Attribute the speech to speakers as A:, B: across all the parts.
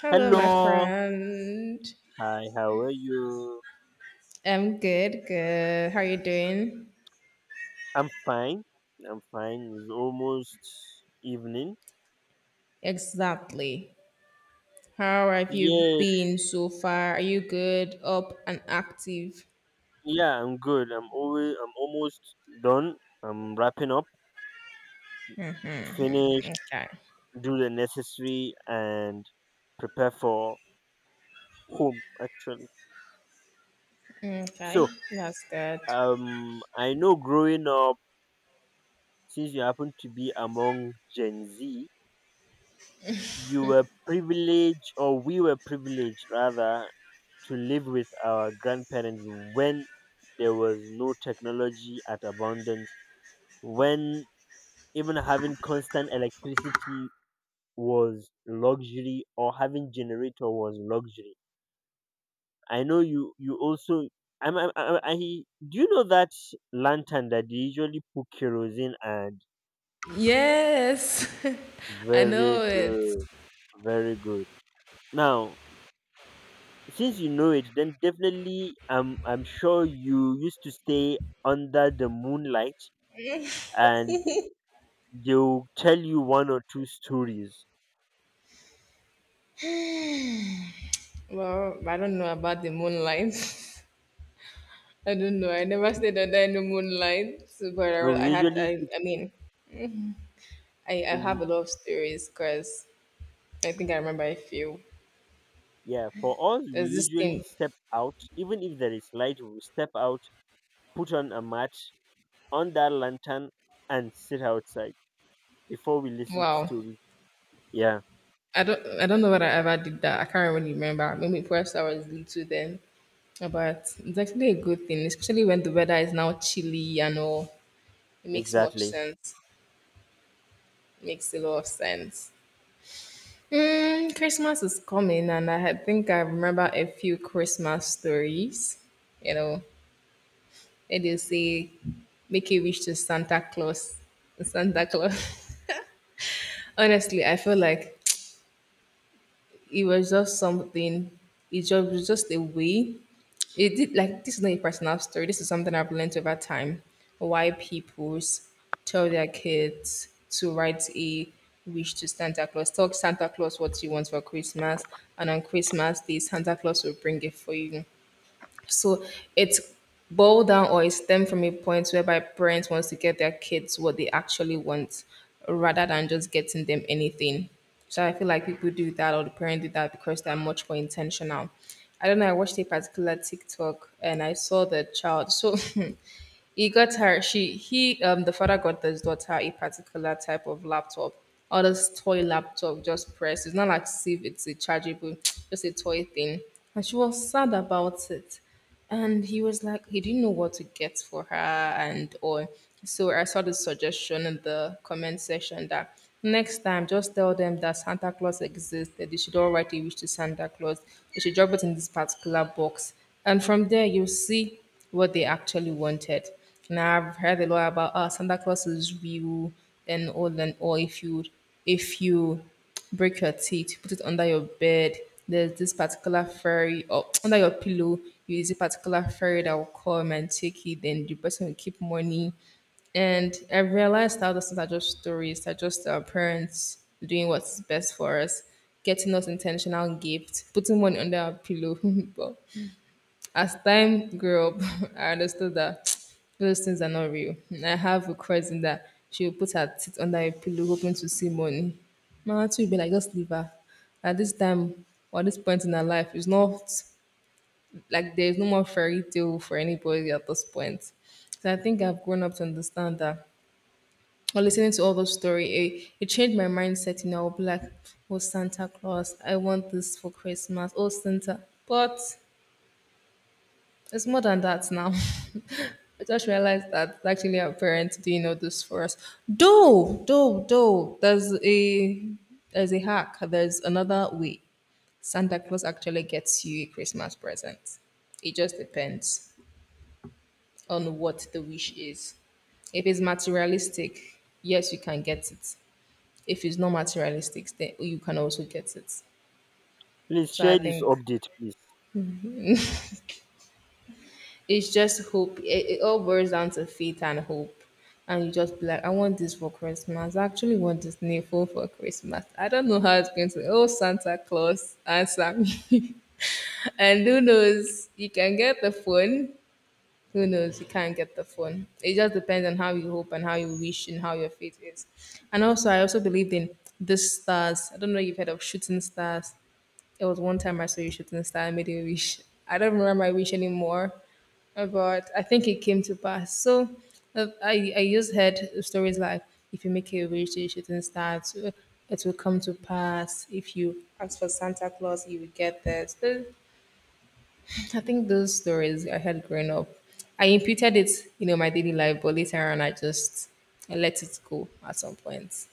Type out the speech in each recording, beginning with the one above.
A: Hello, my
B: Hello.
A: friend.
B: Hi, how are you?
A: I'm good, good. How are you doing?
B: I'm fine. I'm fine. It's almost evening.
A: Exactly. How have you
B: Yeah,
A: been so far? Are you good, up, and active?
B: yeah, I'm good. I'm almost done. I'm wrapping up, finish,
A: Okay.
B: do the necessary, and prepare for home actually.
A: Okay,
B: So,
A: that's good.
B: I know, growing up, since you happen to be among Gen Z, you were privileged, or we were privileged rather, to live with our grandparents when there was no technology at abundance, when even having constant electricity was luxury, or having generator was luxury. I know you also I'm, I do you know that lantern that they usually put kerosene and?
A: Yes, I
B: Very
A: know it.
B: good, very good. Now, since you know it, then definitely I'm sure you used to stay under the moonlight, and they'll tell you one or two stories.
A: Well, I don't know about the moonlight. I don't know. I never stayed under any moonlight, but
B: No,
A: I,
B: we
A: I had.
B: usually
A: I, I
B: sit,
A: mean, I have
B: w-
A: a lot of stories because I think I remember a few.
B: yeah, for us, we
A: There's this
B: usually
A: thing.
B: step out. Even if there is light, we step out, put on a mat, on that lantern, and sit outside before we listen to
A: Wow.
B: stories. Yeah,
A: I don't know whether I ever did that. I can't really remember. Maybe perhaps I was little then. But it's actually a good thing, especially when the weather is now chilly and all. It makes much
B: exactly.
A: sense. Makes a lot of sense. Mm, Christmas is coming, and think I remember a few Christmas stories. You know, and they say, make a wish to Santa Claus. Santa Claus. Honestly, I feel like it was just something. It just was just a way. It did, like, this is not a personal story. This is something I've learned over time. Why people tell their kids to write a wish to Santa Claus. Tell Santa Claus what you want for Christmas, and on Christmas Day, Santa Claus will bring it for you. So it's boiled down or it stemmed from a point whereby parents wants to get their kids what they actually want rather than just getting them anything. So I feel like people do that or the parents do that because they're much more intentional. I don't know, I watched a particular TikTok and I saw the child. So He got her. She he the father got his daughter a particular type of laptop, all this toy laptop, just press. It's not like as if it's a chargeable, just a toy thing. And she was sad about it. And he was like, he didn't know what to get for her and all. So I saw the suggestion in the comment section that next time just tell them that Santa Claus exists, that they should all write a wish to Santa Claus. They should drop it in this particular box. And from there you see what they actually wanted. And I've heard a lot about Santa Claus is real and all and all. If you break your teeth, you put it under your bed. There's this particular fairy or under your pillow. You use a particular fairy that will come and take it. Then the person will keep money. And I realized how those things are just stories. They're just our parents doing what's best for us, getting us intentional gifts, putting money under our pillow. But as time grew up, I understood that those things are not real. And I have a cousin that she will put her teeth under a pillow hoping to see money. My auntie will be like, just leave her. At this time or this point in her life, it's not like there's no more fairy tale for anybody at this point. So I think I've grown up to understand that. Or listening to all those stories, it changed my mindset. You know, I'll be like, oh, Santa Claus, I want this for Christmas. Oh, Santa. But it's more than that now. I just realized that it's actually our parents didn't know this for us. Though, there's a hack. There's another way. Santa Claus actually gets you a Christmas present. It just depends on what the wish is. If it's materialistic, yes, you can get it. If it's not materialistic, then you can also get it.
B: Please
A: So I
B: share this
A: think
B: update, please.
A: it's just hope. It all boils down to faith and hope. And you just be like, I want this for Christmas. I actually want this new phone for Christmas. I don't know how it's going to. Oh, Santa Claus, answer me. And who knows? You can get the phone, who knows? You can't get the phone. It just depends on how you hope and how you wish and how your faith is. And also, I also believed in the stars. I don't know if you've heard of shooting stars. It was one time I saw you shooting star. I made a wish. I don't remember my wish anymore, but I think it came to pass. So I just heard stories like if you make a wish, you shooting star, it will come to pass. If you ask for Santa Claus, you will get this. So I think those stories I had growing up, I imputed it, my daily life, but later on I let it go at some point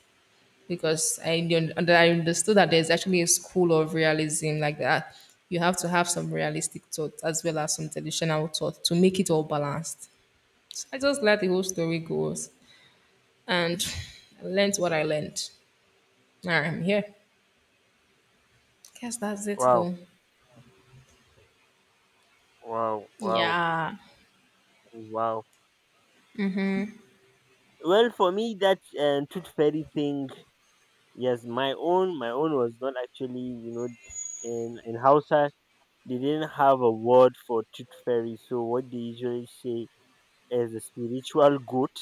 A: because I, un- and I understood that there's actually a school of realism like that. You have to have some realistic thought as well as some traditional thought to make it all balanced. So I just let the whole story go and I learned what I learned. Now I'm here. Guess that's it
B: Wow,
A: though.
B: wow, wow,
A: Yeah.
B: wow. Well, for me, that tooth fairy thing, yes, my own was not actually, in Hausa, they didn't have a word for tooth fairy. So what they usually say is a spiritual goat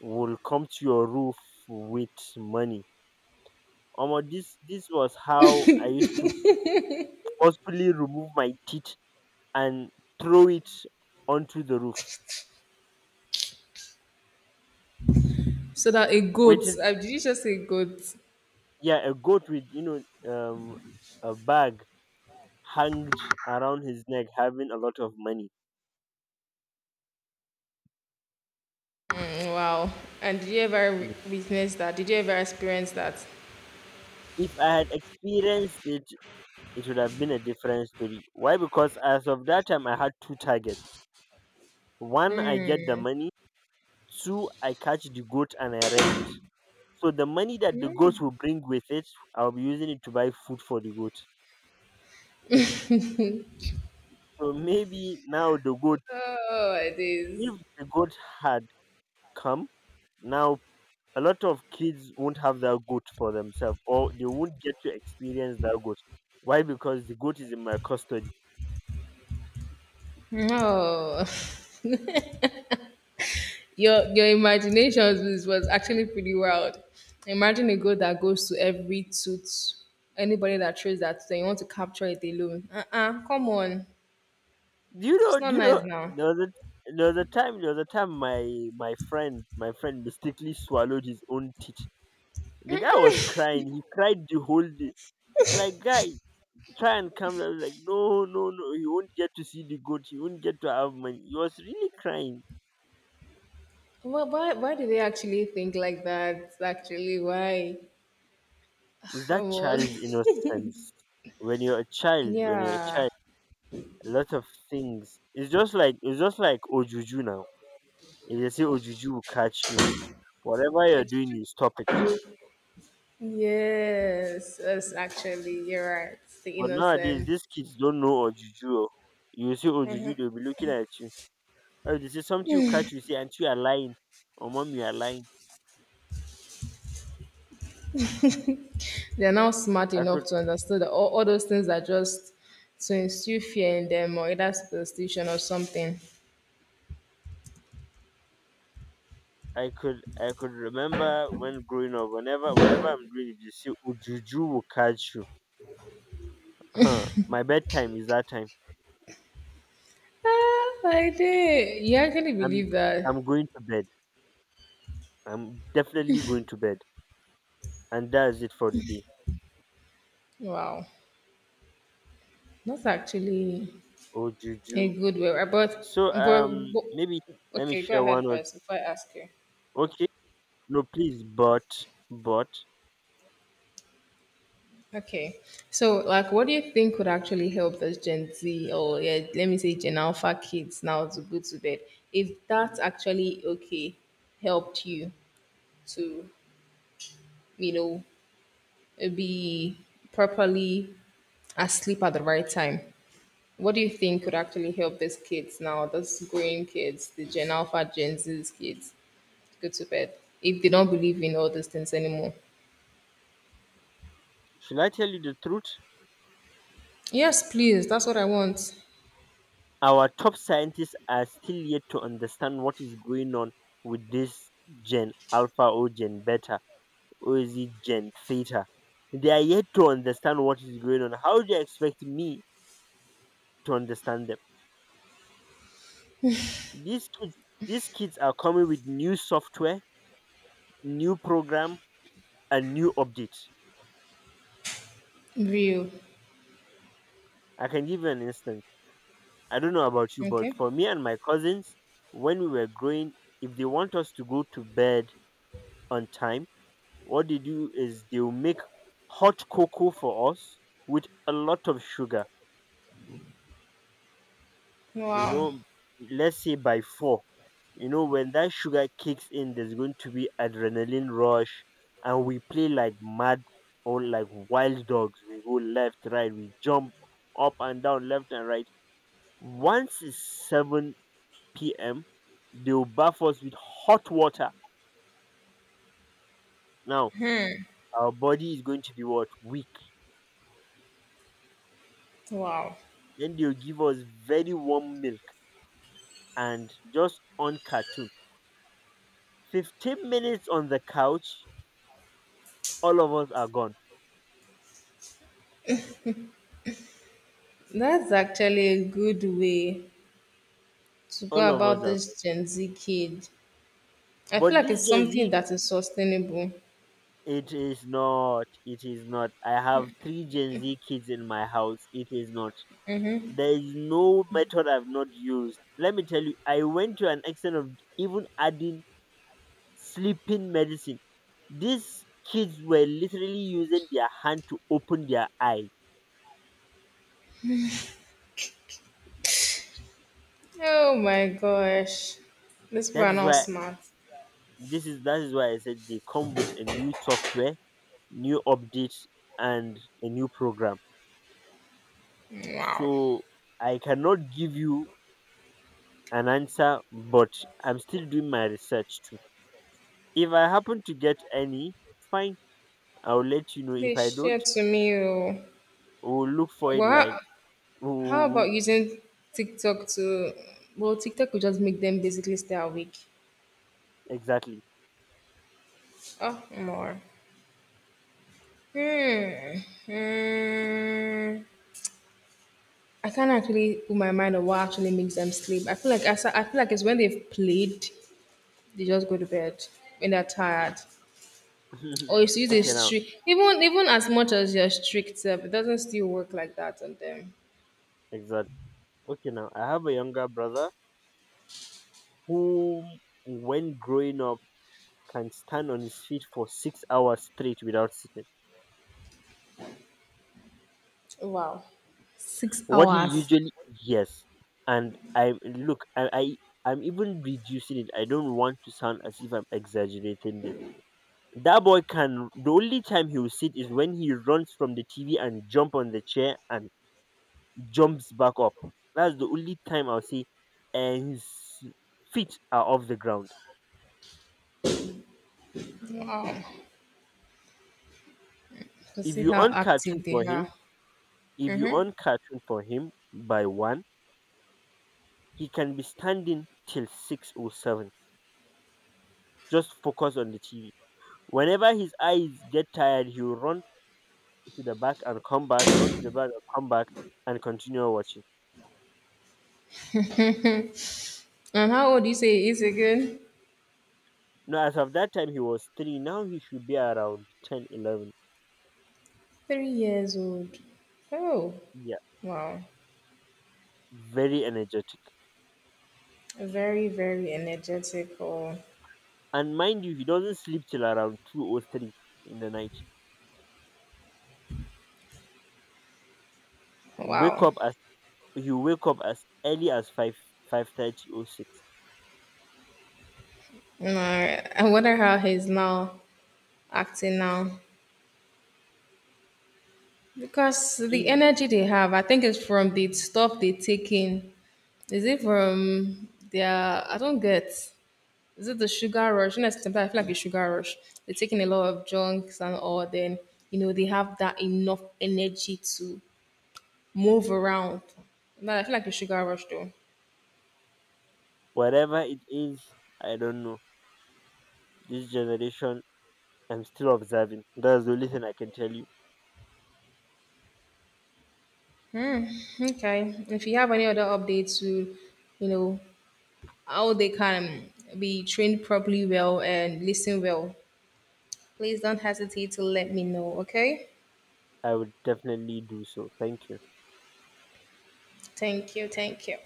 B: will come to your roof with money. Omo, this was how I used to forcefully remove my teeth and throw it onto the roof,
A: So that a goat.
B: waiting for,
A: Did you just say goat?
B: yeah, a goat with um a bag hanged around his neck, having a lot of money.
A: Wow. And did you ever witness that? Did you ever experience that?
B: If I had experienced it, it would have been a different story. Why? Because as of that time, I had two targets. One, I get the money. Two, I catch the goat and I rare it. So the money that the goat will bring with it, I'll be using it to buy food for the goat. So maybe now the goat,
A: Oh, it is.
B: if the goat had come, now a lot of kids won't have that goat for themselves, or they won't get to experience that goat. Why? Because the goat is in my custody.
A: No. Your imagination was actually pretty wild. Imagine a goal that goes to every tooth. Anybody that throws that tooth and you want to capture it alone. Uh-uh. Come on.
B: you
A: It's
B: know,
A: not
B: you know,
A: nice now.
B: there was a time, my friend mistakenly swallowed his own teeth. The guy was crying. He cried the whole day. Like, guy, try and calm down. Like, no, no, no. You won't get to see the goat. You won't get to have money. He was really crying.
A: Why do they actually think like that? Actually, why?
B: Is that
A: Oh,
B: child's
A: well.
B: innocence? When you're a child, when you're a
A: Yeah.
B: child, a lot of things. It's just like ojuju now. If they say ojuju will catch you, whatever you're
A: It's
B: doing,
A: true.
B: you stop it.
A: Yes, yes, actually, you're right. It's the
B: But nowadays
A: innocent.
B: these kids don't know ojuju oh. You see ojuju, they will be looking at you. If they say something you catch you say, "And you are lying, or mom, you are lying."
A: They're not smart
B: I
A: enough
B: could
A: to understand that all those things are just to instill fear in them or either superstition or something.
B: I could remember, when growing up, whenever, whatever I'm doing, if you see ojuju will catch you. Huh. My bedtime is that time.
A: Ah, I did. You actually believe
B: I'm
A: that?
B: I'm going to bed. I'm definitely going to bed. And that's it for the day.
A: Wow. That's actually
B: Ojuju.
A: a good way. But,
B: So,
A: but, but
B: maybe let me
A: okay, go
B: share
A: ahead
B: one or,
A: first before I ask you.
B: okay. No, please, but
A: Okay. So, like, what do you think would actually help those Gen Z or yeah, let me say Gen Alpha kids now to go to bed? If that actually okay helped you to, you know, be properly asleep at the right time, what do you think could actually help these kids now, those growing kids, the Gen Alpha, Gen Z kids, to go to bed if they don't believe in all these things anymore?
B: should I tell you the truth?
A: Yes, please. That's what I want.
B: Our top scientists are still yet to understand what is going on with this Gen Alpha, or Gen Beta, or is it Gen Theta. They are yet to understand what is going on. How do you expect me to understand them? These kids, these kids are coming with new software, new program, and new updates.
A: Real.
B: I can give you an instance. I don't know about you, but
A: Okay.
B: for me and my cousins, when we were growing, if they want us to go to bed on time, what they do is they'll make hot cocoa for us with a lot of sugar, you
A: Wow.
B: know, let's say by four. When that sugar kicks in, there's going to be adrenaline rush, and we play like mad or like wild dogs. We go left, right, we jump up and down, left and right. Once it's 7 p.m., they'll bath us with hot water. Now, our body is going to be what? Weak.
A: Wow,
B: Then they'll give us very warm milk and just on cartoon. 15 minutes on the couch, all of us are gone.
A: that's actually a good way to go
B: All of
A: about
B: us are gone.
A: this Gen Z kid. I feel
B: But
A: like
B: this
A: it's
B: Gen
A: something
B: Z,
A: that is sustainable.
B: it is not. It is not. I have three Gen Z kids in my house. It is not. There is no method I've not used. Let me tell you, I went to an extent of even adding sleeping medicine. These kids were literally using their hand to open their eye.
A: Oh my gosh, these people
B: That
A: are
B: is
A: not
B: why
A: smart.
B: that is why I said they come with a new software, new update, and a new program.
A: Wow,
B: So I cannot give you an answer, but I'm still doing my research too. If I happen to get any, fine, I'll let you know. If
A: they
B: I don't,
A: share to me. Oh,
B: we'll look for it
A: well,
B: like,
A: how,
B: ooh,
A: about using TikTok to? Well, TikTok will just make them basically stay awake.
B: exactly.
A: Oh, more. Hmm. Hmm. I can't actually put my mind on what actually makes them sleep. I feel like it's when they've played, they just go to bed when they're tired. Or it's use a
B: Okay, now,
A: strict even as much as you're strict self, it doesn't still work like that on them.
B: exactly. Okay, now, I have a younger brother who, when growing up, can stand on his feet for 6 hours straight without sitting.
A: Wow. Six
B: What he
A: hours.
B: usually Yes, and I look, I'm even reducing it. I don't want to sound as if I'm exaggerating this. That boy can. The only time he will sit is when he runs from the TV and jump on the chair and jumps back up. That's the only time I'll say, and his feet are off the ground.
A: Wow. To
B: If
A: see
B: you
A: how
B: on cartoon
A: active they
B: for him,
A: are.
B: If you
A: Mm-hmm.
B: on cartoon for him by one, he can be standing till six or seven. Just focus on the TV. Whenever his eyes get tired, he will run to the back and come back, run to the back and come back, and continue watching.
A: And how old do you say he is again?
B: Now, as of that time, he was three. Now he should be around 10, 11.
A: 3 years old. Oh.
B: Yeah,
A: Wow.
B: very energetic.
A: Very, very energetic. Oh,
B: And mind you, he doesn't sleep till around 2 or 3 in the night. Wake
A: wow.
B: up as He wake up as early as 5, 5:30 or 6.
A: No, I wonder how he's now acting now. Because the
B: He-
A: energy they have, I think it's from the stuff they take in. Is it from their, I don't get, is it the sugar rush? You know, sometimes I feel like a sugar rush. They're taking a lot of junks and all, then, they have that enough energy to move around. But I feel like a sugar rush though.
B: Whatever it is, I don't know. This generation, I'm still observing. That's the only thing I can tell you.
A: Hmm, okay. If you have any other updates to, you know, how they can be trained properly well and listen well. Please don't hesitate to let me know, okay?
B: I would definitely do so. Thank you.
A: Thank you, thank you.